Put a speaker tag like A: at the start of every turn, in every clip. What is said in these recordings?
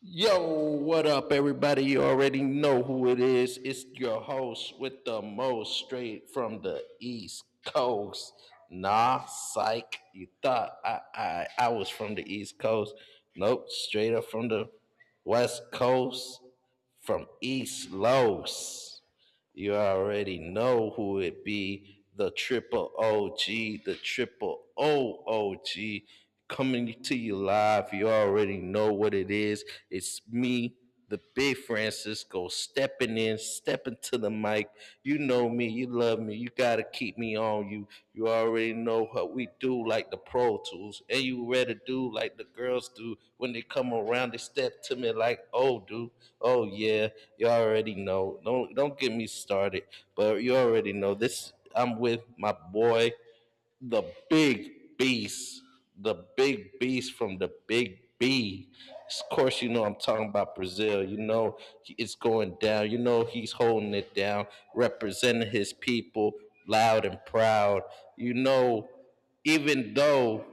A: Yo, what up, everybody? You already know who it is. It's your host with the most straight from the East Coast. Nah, psych. You thought I was from the East Coast. Nope, straight up from the West Coast, from East Los. You already know who it be. The triple OG, the triple OOG coming to you live. You already know what it is. It's me, the big Francisco, stepping in, stepping to the mic. You know me, you love me, me. You gotta keep me on. You already know what we do like the pro tools. And you ready to do like the girls do when they come around, they step to me like, oh dude, oh yeah, you already know. Don't get me started. But you already know this I'm with my boy the big beast, the big beast from the big B. Of course, you know I'm talking about Brazil. You know it's going down. You know he's holding it down, representing his people loud and proud. You know, even though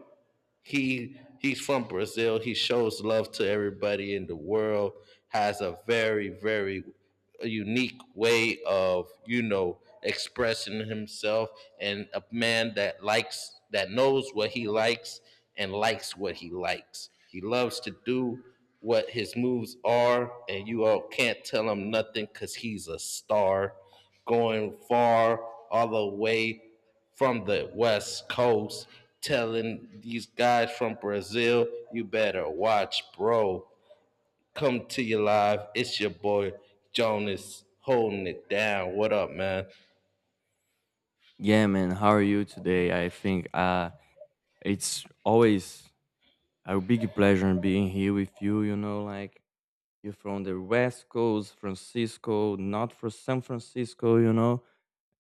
A: he's from Brazil. He shows love to everybody in the world. Has a very very unique way of expressing himself, and a man that likes that knows what he likes and likes what he likes. He loves to do what his moves are, and you all can't tell him nothing because he's a star going far all the way from the West Coast telling these guys from Brazil, you better watch, bro. Come to your live. It's your boy Jonas holding it down. What up, man?
B: Yeah, man. How are you today? I think it's always a big pleasure being here with you. You know, like you're from the West Coast, Francisco, not for San Francisco, you know,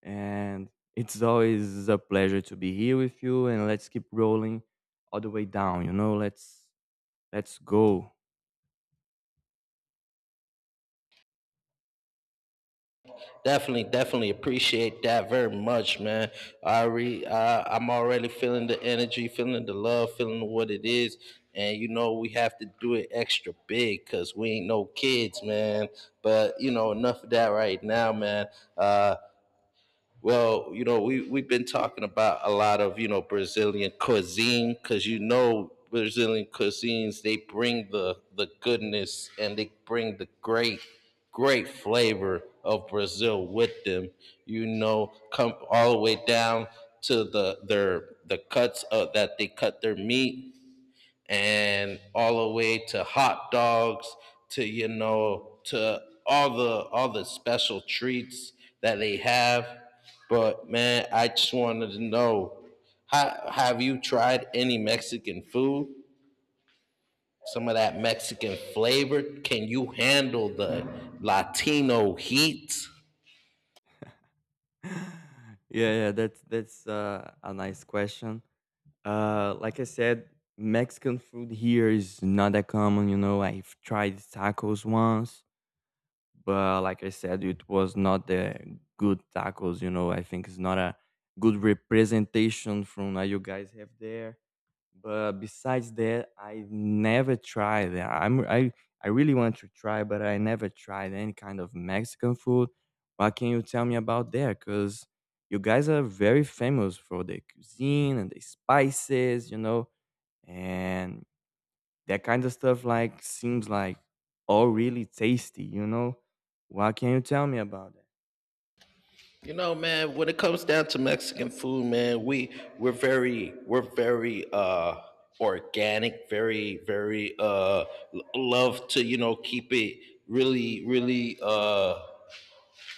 B: and it's always a pleasure to be here with you. And let's keep rolling all the way down. You know, let's go.
A: Definitely, definitely appreciate that very much, man. I'm already feeling the energy, feeling the love, feeling what it is. And you know we have to do it extra big because we ain't no kids, man. But you know enough of that right now, man. Uh, Well, you know, we've been talking about a lot of Brazilian cuisine because you know Brazilian cuisines they bring the goodness and they bring the great great flavor of Brazil with them. You know, come all the way down to the cuts of, that they cut their meat and all the way to hot dogs to you know to all the special treats that they have but man I just wanted to know have you tried any Mexican food, some of that Mexican flavor, can you handle the Latino heat?
B: Yeah. That's a nice question. Like I said, Mexican food here is not that common. You know, I've tried tacos once, but like I said, it was not the good tacos. You know, I think it's not a good representation from what you guys have there. But besides that, I never tried that. I really want to try, but I never tried any kind of Mexican food. What can you tell me about there? Because you guys are very famous for the cuisine and the spices, you know, and that kind of stuff. Like seems like all really tasty, you know. What can you tell me about that?
A: You know, man, when it comes down to Mexican food, man, we're very organic, very very love to, you know, keep it really really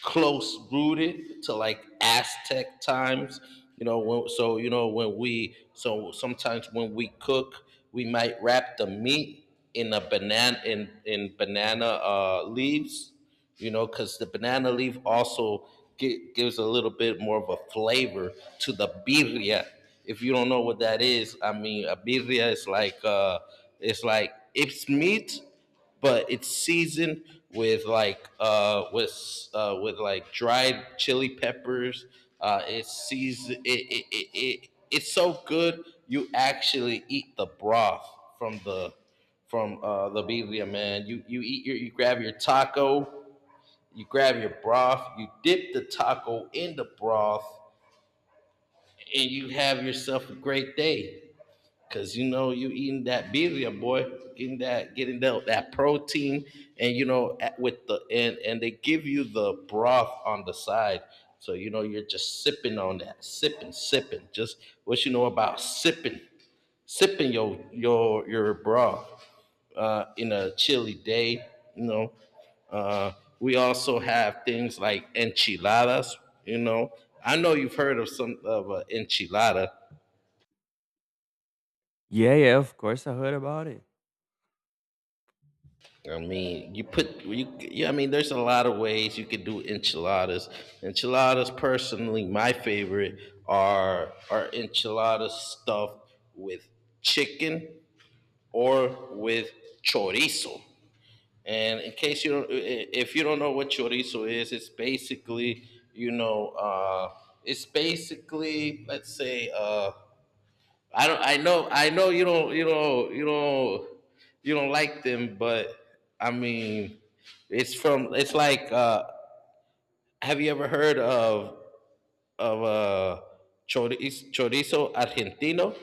A: close rooted to like Aztec times. You know, when, so you know when we so sometimes when we cook, we might wrap the meat in banana leaves. You know, because the banana leaf also gives a little bit more of a flavor to the birria. If you don't know what that is, I mean, a birria is like it's like it's meat but it's seasoned with like with like dried chili peppers. It's seasoned. It's so good you actually eat the broth from the from the birria, man. You eat your you grab your taco, you grab your broth, you dip the taco in the broth, and you have yourself a great day. Cause you know you eating that birria, boy, getting that protein, and you know at, with the and they give you the broth on the side, so you know you're just sipping on that, sipping, sipping. Just what you know about sipping, sipping your broth in a chilly day. You know, uh, we also have things like enchiladas. You know, I know you've heard of some of an enchilada.
B: Yeah, yeah, of course I heard about it.
A: I mean, you put you yeah. I mean, there's a lot of ways you could do enchiladas. Enchiladas, personally, my favorite are enchiladas stuffed with chicken or with chorizo. And in case you don't, if you don't know what chorizo is, it's basically you know, it's basically let's say I don't. I know. You don't like them, but I mean, it's from. It's like. Have you ever heard of of uh, chorizo, chorizo argentino?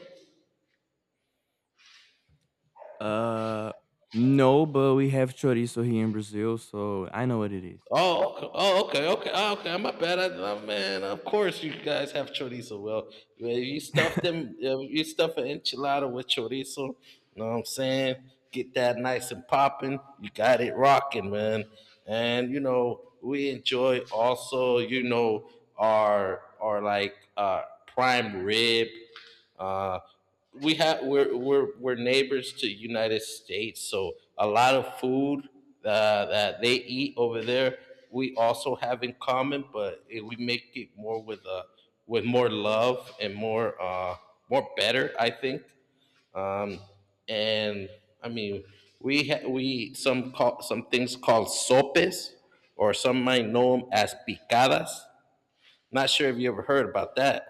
B: Uh, no, but we have chorizo here in Brazil, so I know what it is.
A: Oh, okay. Oh, okay, oh, okay. My bad. Oh, man, of course you guys have chorizo. Well, if you stuff them, if you stuff an enchilada with chorizo. Know what I'm saying? Get that nice and popping. You got it rocking, man. And you know we enjoy also, you know, our like prime rib. Uh, we have we're neighbors to United States, so a lot of food that they eat over there we also have in common, but we make it more with more love and more more better, I think. Um, and I mean, we eat some call, some things called sopes, or some might know them as picadas. Not sure if you ever heard about that.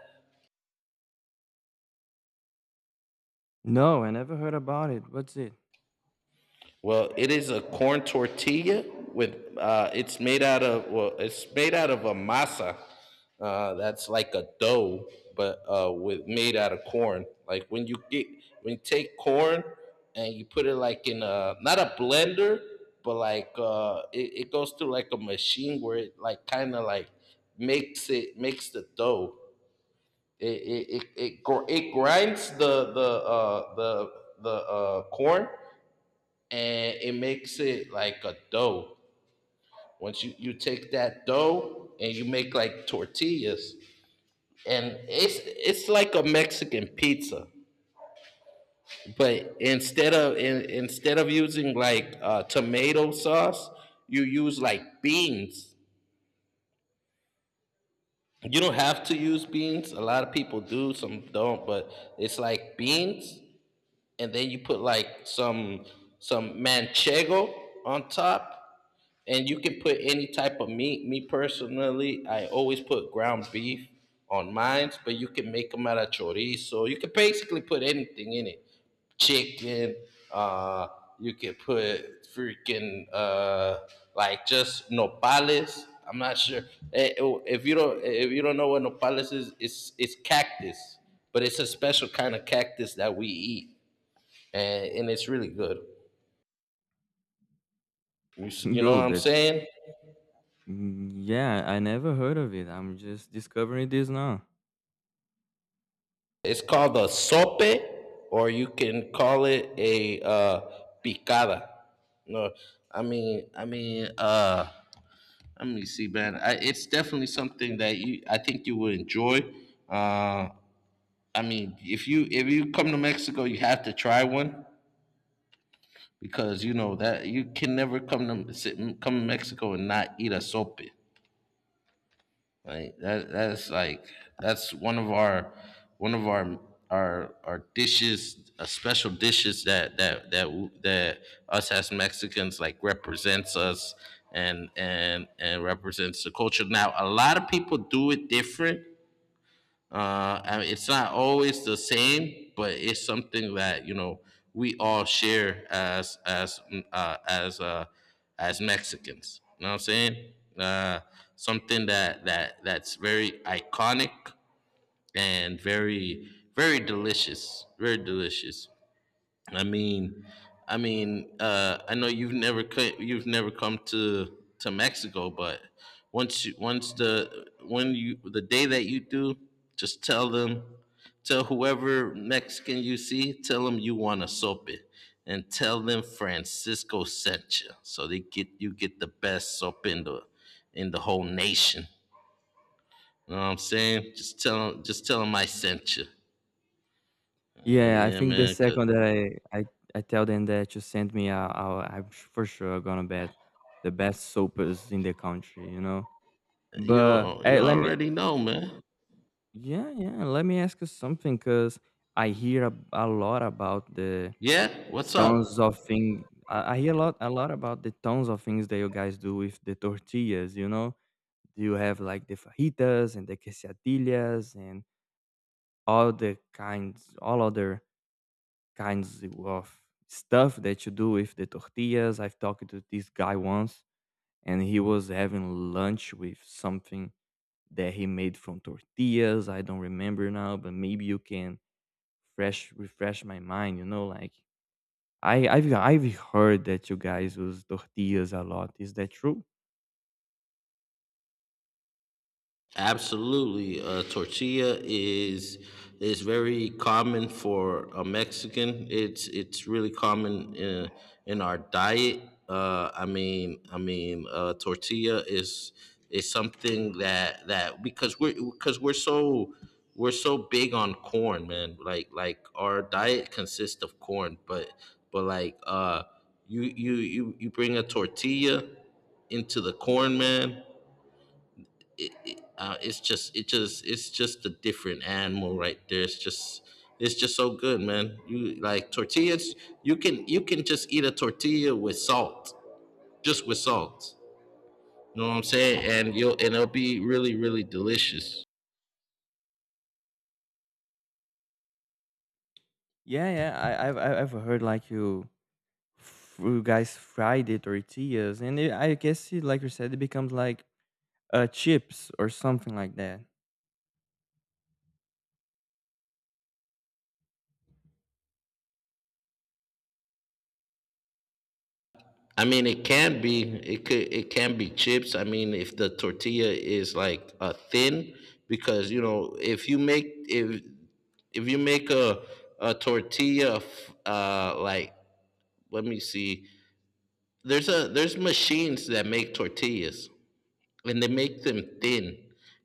B: No, I never heard about it. What's it?
A: Well, it is a corn tortilla with it's made out of well, it's made out of a masa. That's like a dough, but with made out of corn. Like when you get when you take corn and you put it like in a not a blender, but like it goes through like a machine where it like kind of like makes it makes the dough. It grinds the corn and it makes it like a dough. Once you take that dough and you make like tortillas, and it's like a Mexican pizza, but instead of using like tomato sauce, you use like beans. You don't have to use beans. A lot of people do, some don't, but it's like beans, and then you put like some manchego on top. And you can put any type of meat. Me personally, I always put ground beef on mine, but you can make them out of chorizo. You can basically put anything in it. Chicken, uh, you can put freaking like just nopales. I'm not sure. Oh, if you don't eh, if you don't know what nopales is, it's cactus. But it's a special kind of cactus that we eat. And it's really good. You know
B: No,
A: what I'm
B: that's
A: saying?
B: mm, yeah, I never heard of it. I'm just discovering this now.
A: It's called a sope, or you can call it a picada. No, I mean, I mean, uh, let me see, man. It's definitely something that I think you would enjoy. Uh, I mean, if you come to Mexico, you have to try one because you know that you can never come to come to Mexico and not eat a sope, right? That that's one of our our dishes, special dishes that us as Mexicans like represents us and and represents the culture. Now, a lot of people do it different, I mean, it's not always the same, but it's something that you know we all share as as Mexicans. You know what I'm saying? Something that's very iconic and very very delicious, very delicious. I mean, I know you've never co- you've never come to Mexico, but once you once the when you the day that you do, just tell them, tell whoever Mexican you see, tell them you want a sope, and tell them Francisco sent you, so they get you get the best sope in the whole nation. You know what I'm saying? Just tell them I sent you.
B: Yeah, I
A: Yeah,
B: think the
A: man. 'Cause
B: second that I tell them that you sent me, I for sure gonna bet the best soapers in the country, you know. But
A: you you already know, man.
B: let me ask you something because I hear a lot about the
A: Yeah, what's
B: tons of
A: up?
B: thing. I hear a lot about the tons of things that you guys do with the tortillas, you know. You have like the fajitas and the quesadillas and all the kinds, all other kinds of stuff that you do with the tortillas. I've talked to this guy once, and he was having lunch with something that he made from tortillas. I don't remember now, but maybe you can fresh refresh my mind. You know, like I've heard that you guys use tortillas a lot. Is that true?
A: Absolutely. Tortilla is very common for a Mexican. It's really common in our diet. Tortilla is something that that because we're so big on corn, man. Like our diet consists of corn, but like you you bring a tortilla into the corn, man, it's just it just it's just a different animal right there. It's just so good, man. You like tortillas? You can just eat a tortilla with salt, just with salt. You know what I'm saying? And you'll and it'll be really really delicious.
B: Yeah, yeah. I I've heard like you guys fried it or tortillas, and it, I guess it, like you said, it becomes like chips or something like that.
A: I mean, it can be chips. I mean, if the tortilla is like thin, because you know if you make if you make a tortilla like let me see there's a there's machines that make tortillas and they make them thin.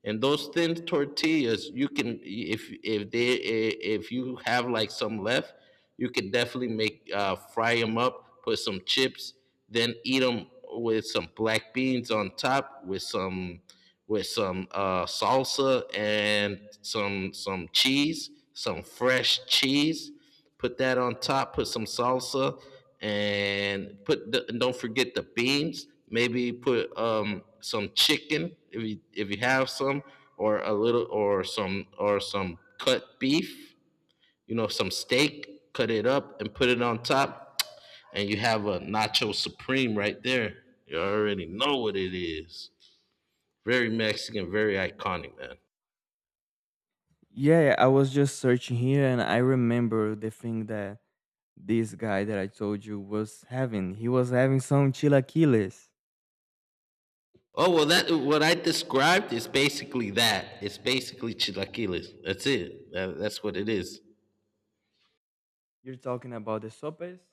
A: And those thin tortillas you can, if they, if you have like some left, you can definitely make fry them up, put some chips, then eat them with some black beans on top, with some, with some salsa, and some cheese, some fresh cheese. Put that on top. Put some salsa, and and don't forget the beans. Maybe put some chicken if you have some, or a little, or some, or some cut beef. You know, some steak. Cut it up and put it on top, and you have a nacho supreme right there. You already know what it is. Very Mexican, very iconic, man.
B: Yeah, yeah, I was just searching here, and I remember the thing that this guy that I told you was having. He was having some chilaquiles.
A: Oh well, that what I described is basically that. It's basically chilaquiles. That's it. That's what it is.
B: You're talking about the sopes?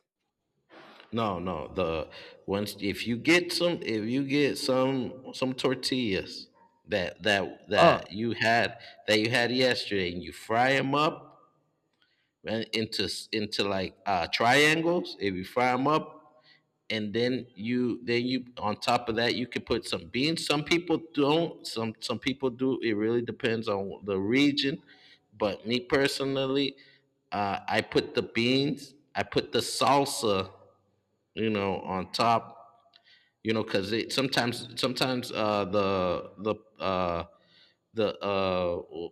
A: No, no. The, once if you get some, if you get some tortillas that that
B: Oh,
A: that you had, that you had yesterday, and you fry them up and into like triangles. If you fry them up, and then you on top of that you could put some beans. Some people don't, some people do. It really depends on the region, but me personally, I put the beans, I put the salsa, you know, on top. You know, because it, sometimes the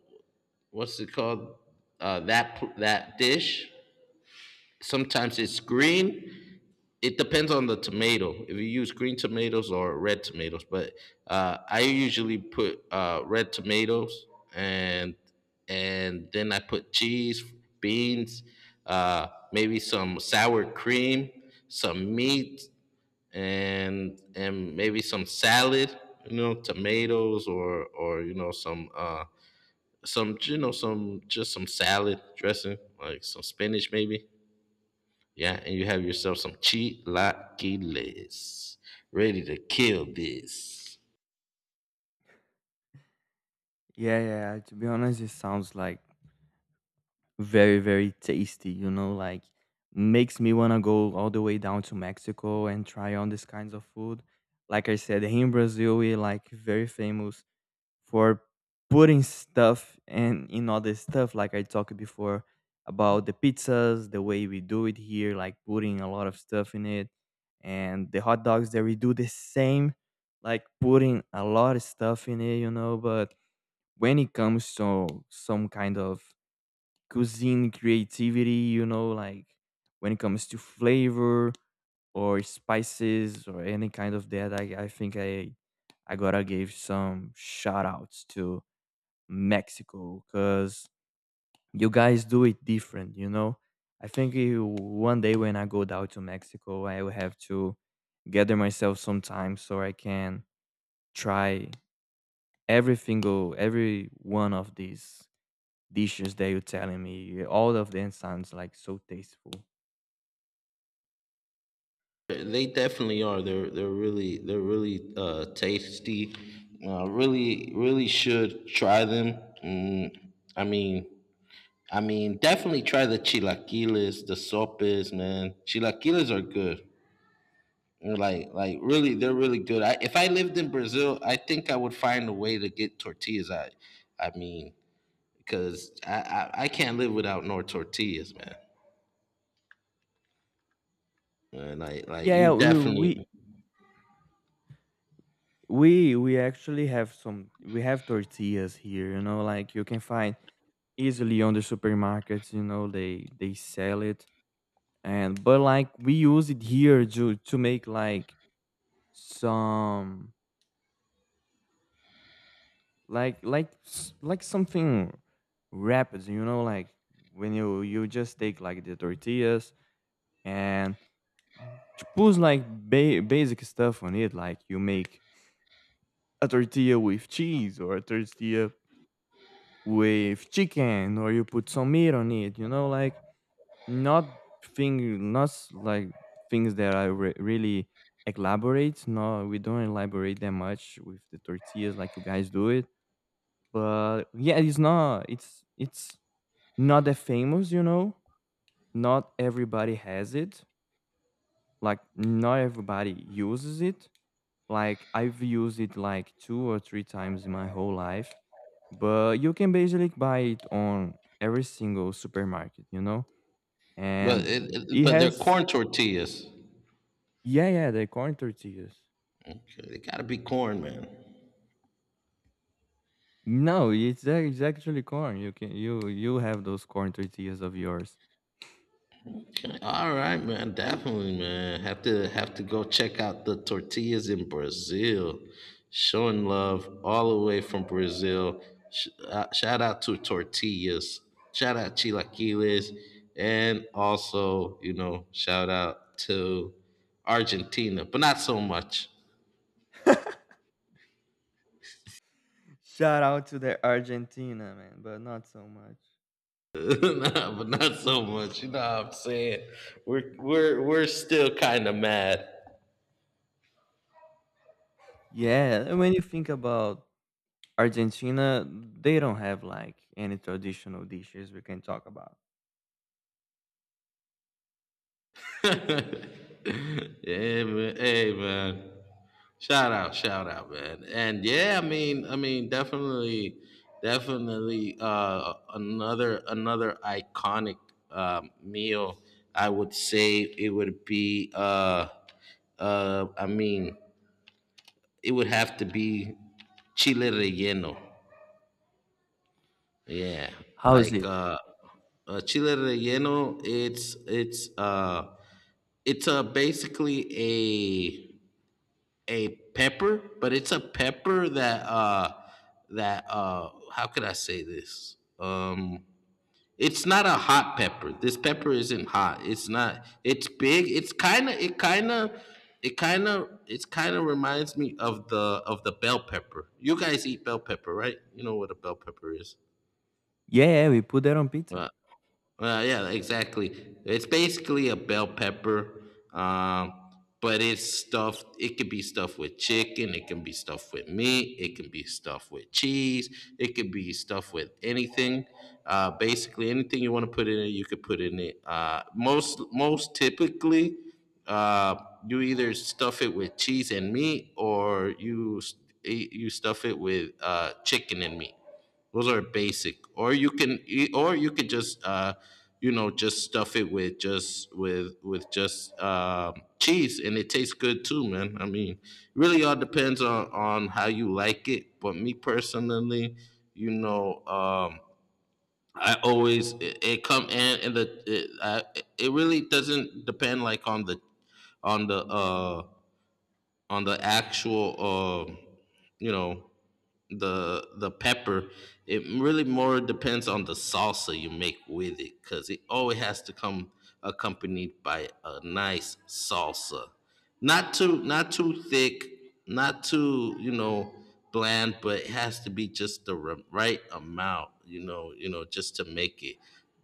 A: what's it called, that that dish, sometimes it's green. It depends on the tomato, if you use green tomatoes or red tomatoes. But I usually put red tomatoes, and and then I put cheese, beans, uh, maybe some sour cream, some meat, and maybe some salad, you know, tomatoes, or you know, some you know, some, just some salad dressing, like some spinach maybe. Yeah, and you have yourself some chilaquiles, ready to kill this.
B: yeah, yeah. To be honest, it sounds like very, very tasty, you know, like makes me wanna go all the way down to Mexico and try on these kinds of food. Like I said, here in Brazil, we like very famous for putting stuff and in all this stuff, like I talked before about the pizzas, the way we do it here, like putting a lot of stuff in it. And the hot dogs that we do the same, like putting a lot of stuff in it, you know, but when it comes to some kind of cuisine creativity, you know, like when it comes to flavor or spices or any kind of that. I think I gotta give some shout outs to Mexico because you guys do it different, you know. I think you- one day when I go down to Mexico, I will have to gather myself some time so I can try every single, every one of these dishes that you're telling me. All of them sounds like so tasteful.
A: They definitely are. They're really tasty. Really really should try them. I mean, definitely try the chilaquiles, the sopes, man. Chilaquiles are good. And like really, they're really good. If I lived in Brazil, I think I would find a way to get tortillas. I mean, cause I can't live without no tortillas, man. Like
B: Yeah,
A: you
B: yeah,
A: definitely,
B: we actually have some. We have tortillas here. You know, like you can find easily on the supermarkets. You know, they sell it, and but like we use it here to make like some like something wrapped. You know, like when you just take like the tortillas and she puts like basic stuff on it, like you make a tortilla with cheese or a tortilla with chicken, or you put some meat on it. You know, like not thing, not s- like things that really elaborate. No, we don't elaborate that much with the tortillas like you guys do it. But yeah, it's not. It's not that famous. You know, not everybody has it. Like not everybody uses it. Like I've used it like two or three times in my whole life, but you can basically buy it on every single supermarket, you know?
A: but
B: And it
A: but they're
B: has
A: corn tortillas.
B: yeah, yeah, the corn tortillas.
A: Okay, they gotta be corn, man.
B: No, it's actually corn. You you have those corn tortillas of yours.
A: Okay, all right, man. Definitely, man. Have to, have to go check out the tortillas in Brazil. Showing love all the way from Brazil. Shout out to tortillas. Shout out chilaquiles, and also you know, shout out to Argentina, but not so much.
B: Shout out to the Argentina, man, but not so much.
A: Nah, but not so much. You know what I'm saying? We're still kind of mad.
B: Yeah, and when you think about Argentina, they don't have like any traditional dishes we can talk about.
A: Yeah, man. Hey, man. Shout out, man. And yeah, I mean, definitely, definitely, another, another iconic meal. I would say it would be. Uh, I mean, it would have to be chile relleno. Yeah,
B: How is
A: like
B: it?
A: chile relleno. It's basically a pepper, but it's a pepper that how could I say this? It's not a hot pepper. This pepper isn't hot. It's not. It's big. It's kind of. It kind of. It kind of. It's kind of reminds me of the, of the bell pepper. You guys eat bell pepper, right? You know what a bell pepper is.
B: Yeah, yeah, we put that on pizza.
A: Uh, yeah, exactly. It's basically a bell pepper, um, but it's stuffed. It could be stuffed with chicken. It can be stuffed with meat. It can be stuffed with cheese. It could be stuffed with anything. Basically, anything you want to put in it, you could put in it. Most typically, uh, you either stuff it with cheese and meat, or you stuff it with chicken and meat. Those are basic, or you can, or you could just, you know, just stuff it with just cheese, and it tastes good too, man. I mean, really, all depends on how you like it. But me personally, you know, I always it, it come and the it, I, it really doesn't depend like on the, on the uh on the actual you know, the pepper. It really more depends on the salsa you make with it, because it always has to come accompanied by a nice salsa. Not too, not too thick, not too you know, bland, but it has to be just the right amount, you know, you know, just to make it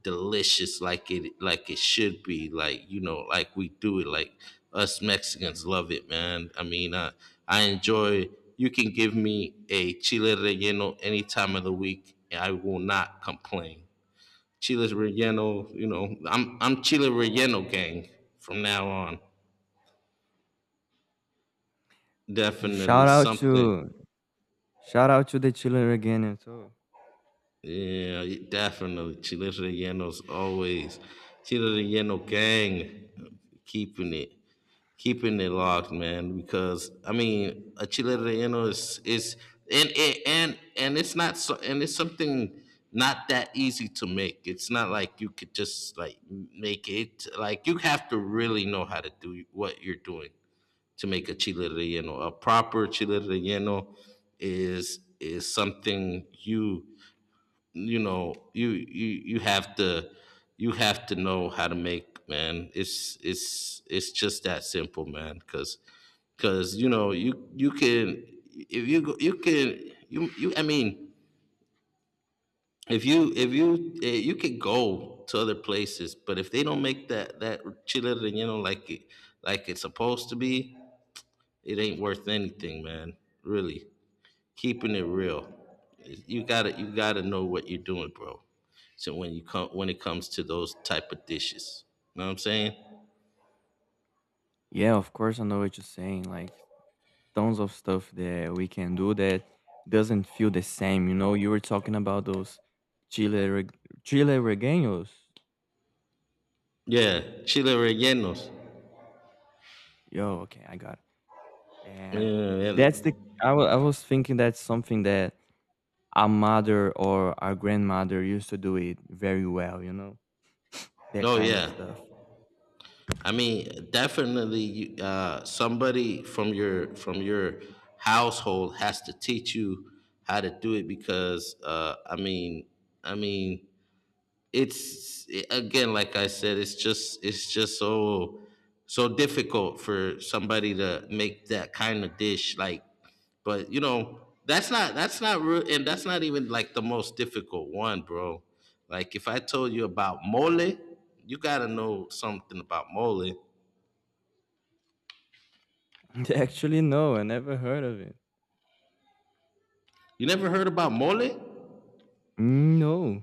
A: delicious like it, like it should be, like you know, like we do it, like us Mexicans love it, man. I mean I enjoy. You can give me a chile relleno any time of the week, and I will not complain. Chile relleno, you know, I'm chile relleno gang from now on.
B: S
A: Definitely
B: Shout out to
A: something.
B: shout out to the chiller again, and so
A: Yeah, definitely chile relleno's always. Chile relleno gang, keeping it, keeping it locked, man. Because I mean, a chile relleno is and it's not so, and it's something not that easy to make. It's not like you could just like make it. Like you have to really know how to do what you're doing to make a chile relleno. A proper chile relleno is something you know you you you have to, you have to know how to make, man. It's just that simple, man, because you know, you can if you can, you I mean, if you you can go to other places, but if they don't make that, that chile relleno like it, like it's supposed to be, it ain't worth anything, man. Really, keeping it real. You gotta, you gotta know what you're doing, bro. So when you come, when it comes to those type of dishes, know what I'm saying?
B: yeah, of course, I know what you're saying, like, tons of stuff that we can do that doesn't feel the same, you know? You were talking about those chile reg chile rellenos.
A: Yeah, chile rellenos.
B: Yo, okay, I got it, and
A: Yeah, yeah.
B: that's the I was thinking that's something that our mother or our grandmother used to do it very well, you know? That
A: Oh
B: kind of
A: yeah.
B: stuff.
A: I mean, definitely, somebody from your, from your household has to teach you how to do it, because I mean, it's again, like I said, it's just, it's just so so difficult for somebody to make that kind of dish. Like, but you know, that's not, that's not real, and that's not even like the most difficult one, bro. Like if I told you about mole, you gotta know something about mole.
B: actually, no, I never heard of it.
A: You never heard about mole.
B: No.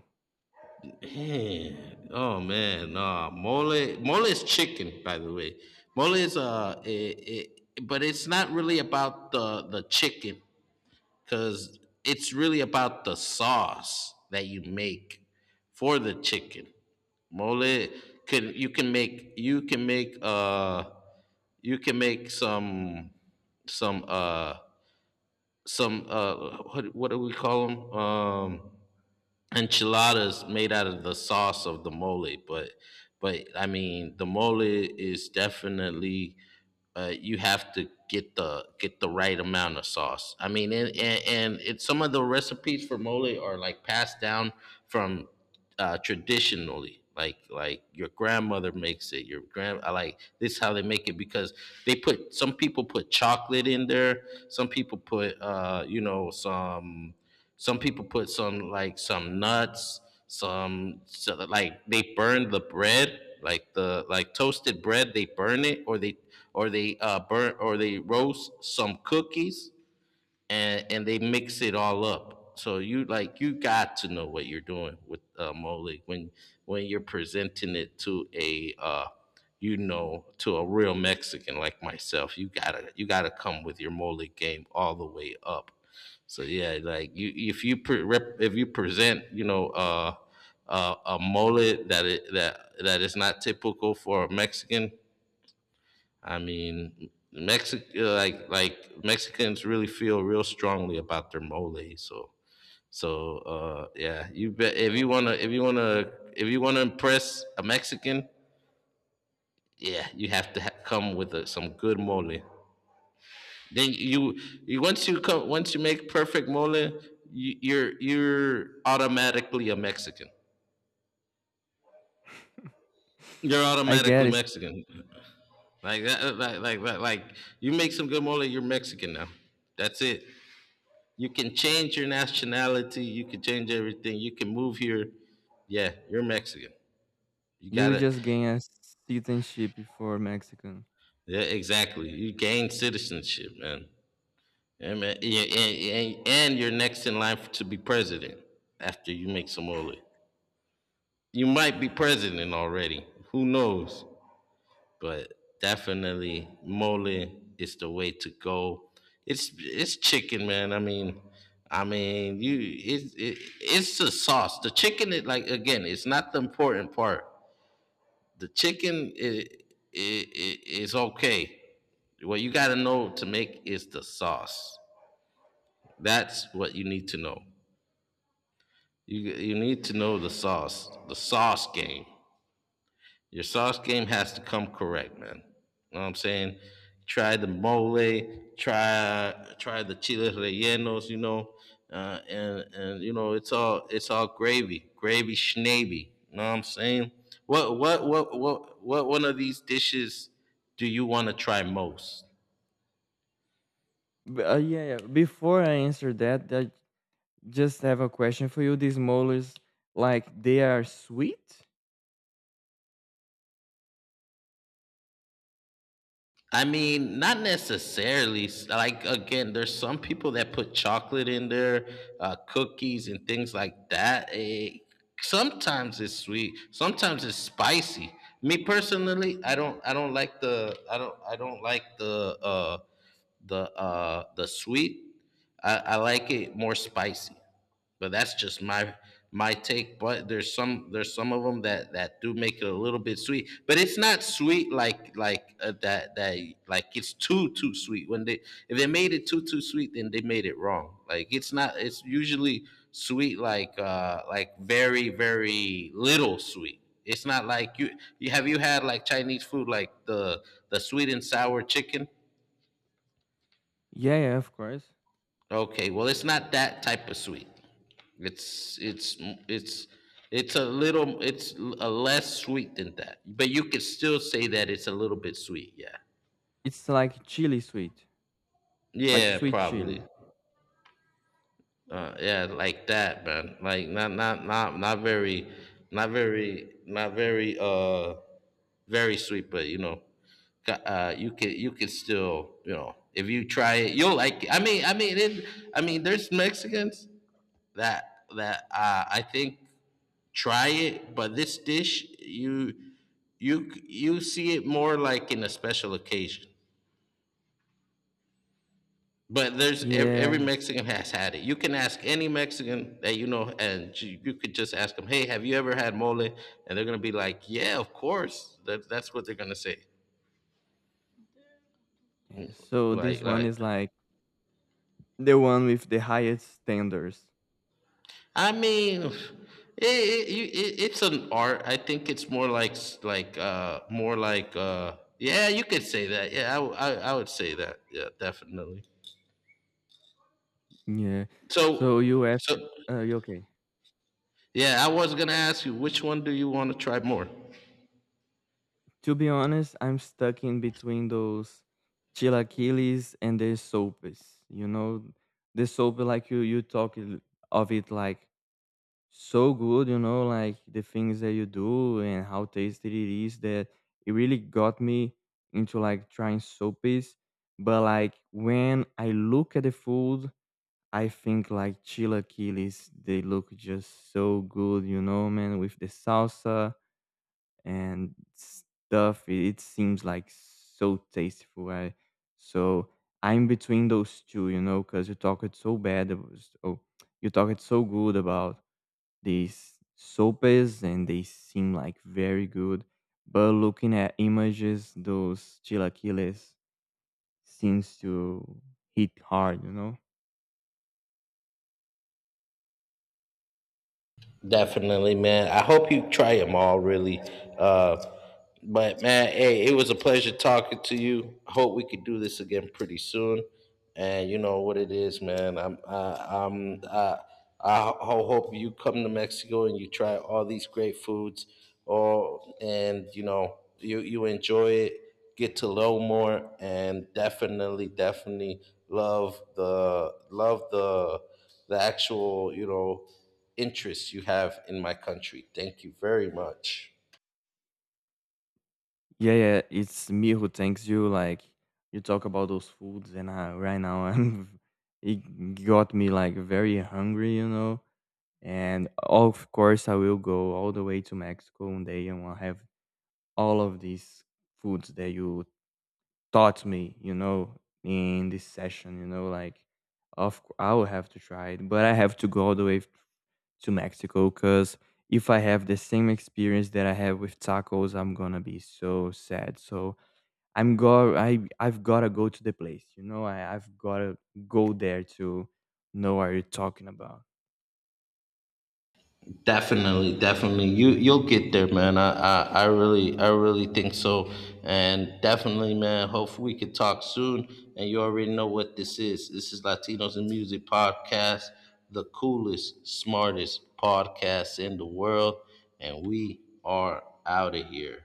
A: Damn. Oh man, nah. Mole, mole is chicken, by the way. Mole is but it's not really about the chicken, because it's really about the sauce that you make for the chicken. Mole, can you can make, you can make some, some uh some what do we call them, enchiladas, made out of the sauce of the mole. But I mean, the mole is definitely, you have to get the, get the right amount of sauce. I mean, and it's, some of the recipes for mole are like passed down from, traditionally. Like your grandmother makes it. Your grand I Like this is how they make it. Because they put, some people put chocolate in there. Some people put you know, some people put some, like some nuts, some, so that, like they burn the bread, like the, like toasted bread, they burn it, or they, or they burn, or they roast some cookies, and they mix it all up. So you, like, you got to know what you're doing with mole, when you're presenting it to a you know, to a real Mexican like myself. You gotta, you gotta come with your mole game all the way up. So yeah, like you, if you present, you know, a mole that it, that that is not typical for a Mexican. I mean, Mexic like Mexicans really feel real strongly about their mole. So so yeah, you bet, if you wanna, if you wanna, if you wanna impress a Mexican, yeah, you have to come with a, some good mole. Then you once you come, once you make perfect mole, you, you're automatically a Mexican. You're
B: I get
A: automatically
B: it.
A: Mexican. Like that, like that, like you make some good mole, you're Mexican now. That's it. You can change your nationality. You can change everything. You can move here. Yeah, you're Mexican. You
B: You
A: gotta.
B: just gained a citizenship before Mexican.
A: Yeah, exactly. You gain citizenship, man. Yeah, man. Yeah, and, and you're next in line to be president after you make some Somali. You might be president already. Who knows? But definitely, mole is the way to go. It's chicken, man. I mean, you it it, it's the sauce. The chicken is, like, again, it's not the important part. The chicken is okay. What you got to know to make is the sauce. That's what you need to know. You need to know the sauce game. Your sauce game has to come correct, man. You know what I'm saying? Try the mole, try the chiles rellenos, you know, and you know it's all gravy, gravy schnavy. You know what I'm saying? What one of these dishes do you want to try most?
B: But yeah, yeah. Before I answer that, I just have a question for you. These molars, like they are sweet?
A: I mean, not necessarily. Like again, there's some people that put chocolate in there, cookies and things like that. Sometimes it's sweet, sometimes it's spicy. Me personally, I don't like the, I don't like the, the sweet. I like it more spicy, but that's just my my take. But there's some of them that that do make it a little bit sweet, but it's not sweet like that that like it's too sweet. When they, if they made it too sweet, then they made it wrong. Like it's not, it's usually sweet like, like very little sweet. It's not like you have you had like Chinese food, like the sweet and sour chicken.
B: Yeah, yeah, of course.
A: Okay, well, it's not that type of sweet. It's, it's, it's, it's a little, it's a less sweet than that. But you could still say that it's a little bit sweet, yeah.
B: It's like chili sweet, like
A: Yeah,
B: sweet
A: probably.
B: chili.
A: Yeah, like that, man. Like not very, not very, very sweet. But you know, you can still, you know, if you try it, you'll like it. I mean, there's Mexicans that I think try it, but this dish you, you see it more like in a special occasion. But there's every
B: Yeah.
A: Mexican has had it. You can ask any Mexican that you know, and you could just ask them, "Hey, have you ever had mole?" And they're gonna be like, "Yeah, of course." That's what they're gonna say.
B: Yeah. So this
A: Like
B: one
A: like,
B: is like the one with the highest standards.
A: I mean, it it's an art. I think it's more like, more like, yeah, you could say that. Yeah, I would say that. Yeah, definitely.
B: Yeah. So
A: So,
B: you asked,
A: so
B: you okay?
A: yeah, I was gonna ask you, which one do you want to try more?
B: To be honest, I'm stuck in between those chilaquiles and the sopes. You know, the soap like you talk it- of it like so good. You know, like the things that you do and how tasty it is. That it really got me into like trying sopes. But like when I look at the food, I think like chilaquiles. They look just so good. You know, man, with the salsa and stuff. It seems like so tasteful. I, so I'm between those two, you know, because you talk it so bad. So you talk it so good about these sopes, and they seem like very good. But looking at images, those chilaquiles seems to hit hard, you know.
A: Definitely, man. I hope you try them all, really. Uh, but man, hey, it was a pleasure talking to you. I hope we could do this again pretty soon. And you know what it is, man. I hope you come to Mexico and you try all these great foods, or and you know you, you enjoy it, get to know more, and definitely love the the actual, you know, interests you have in my country. Thank you very much.
B: Yeah, yeah, it's me who thanks you. Like you talk about those foods, and right now I'm it got me like very hungry, you know. And of course, I will go all the way to Mexico one day, and I'll have all of these foods that you taught me, you know, in this session, you know. Like, I will have to try it, but I have to go all the way to Mexico because if I have the same experience that I have with tacos, I'm gonna be so sad. So. I've gotta go to the place, you know. I I've gotta go there to know what you're talking about.
A: Definitely. You'll get there, man. I really think so. And definitely, man, hopefully we could talk soon. And you already know what this is. This is Latinos in Music Podcast, the coolest, smartest podcast in the world. And we are out of here.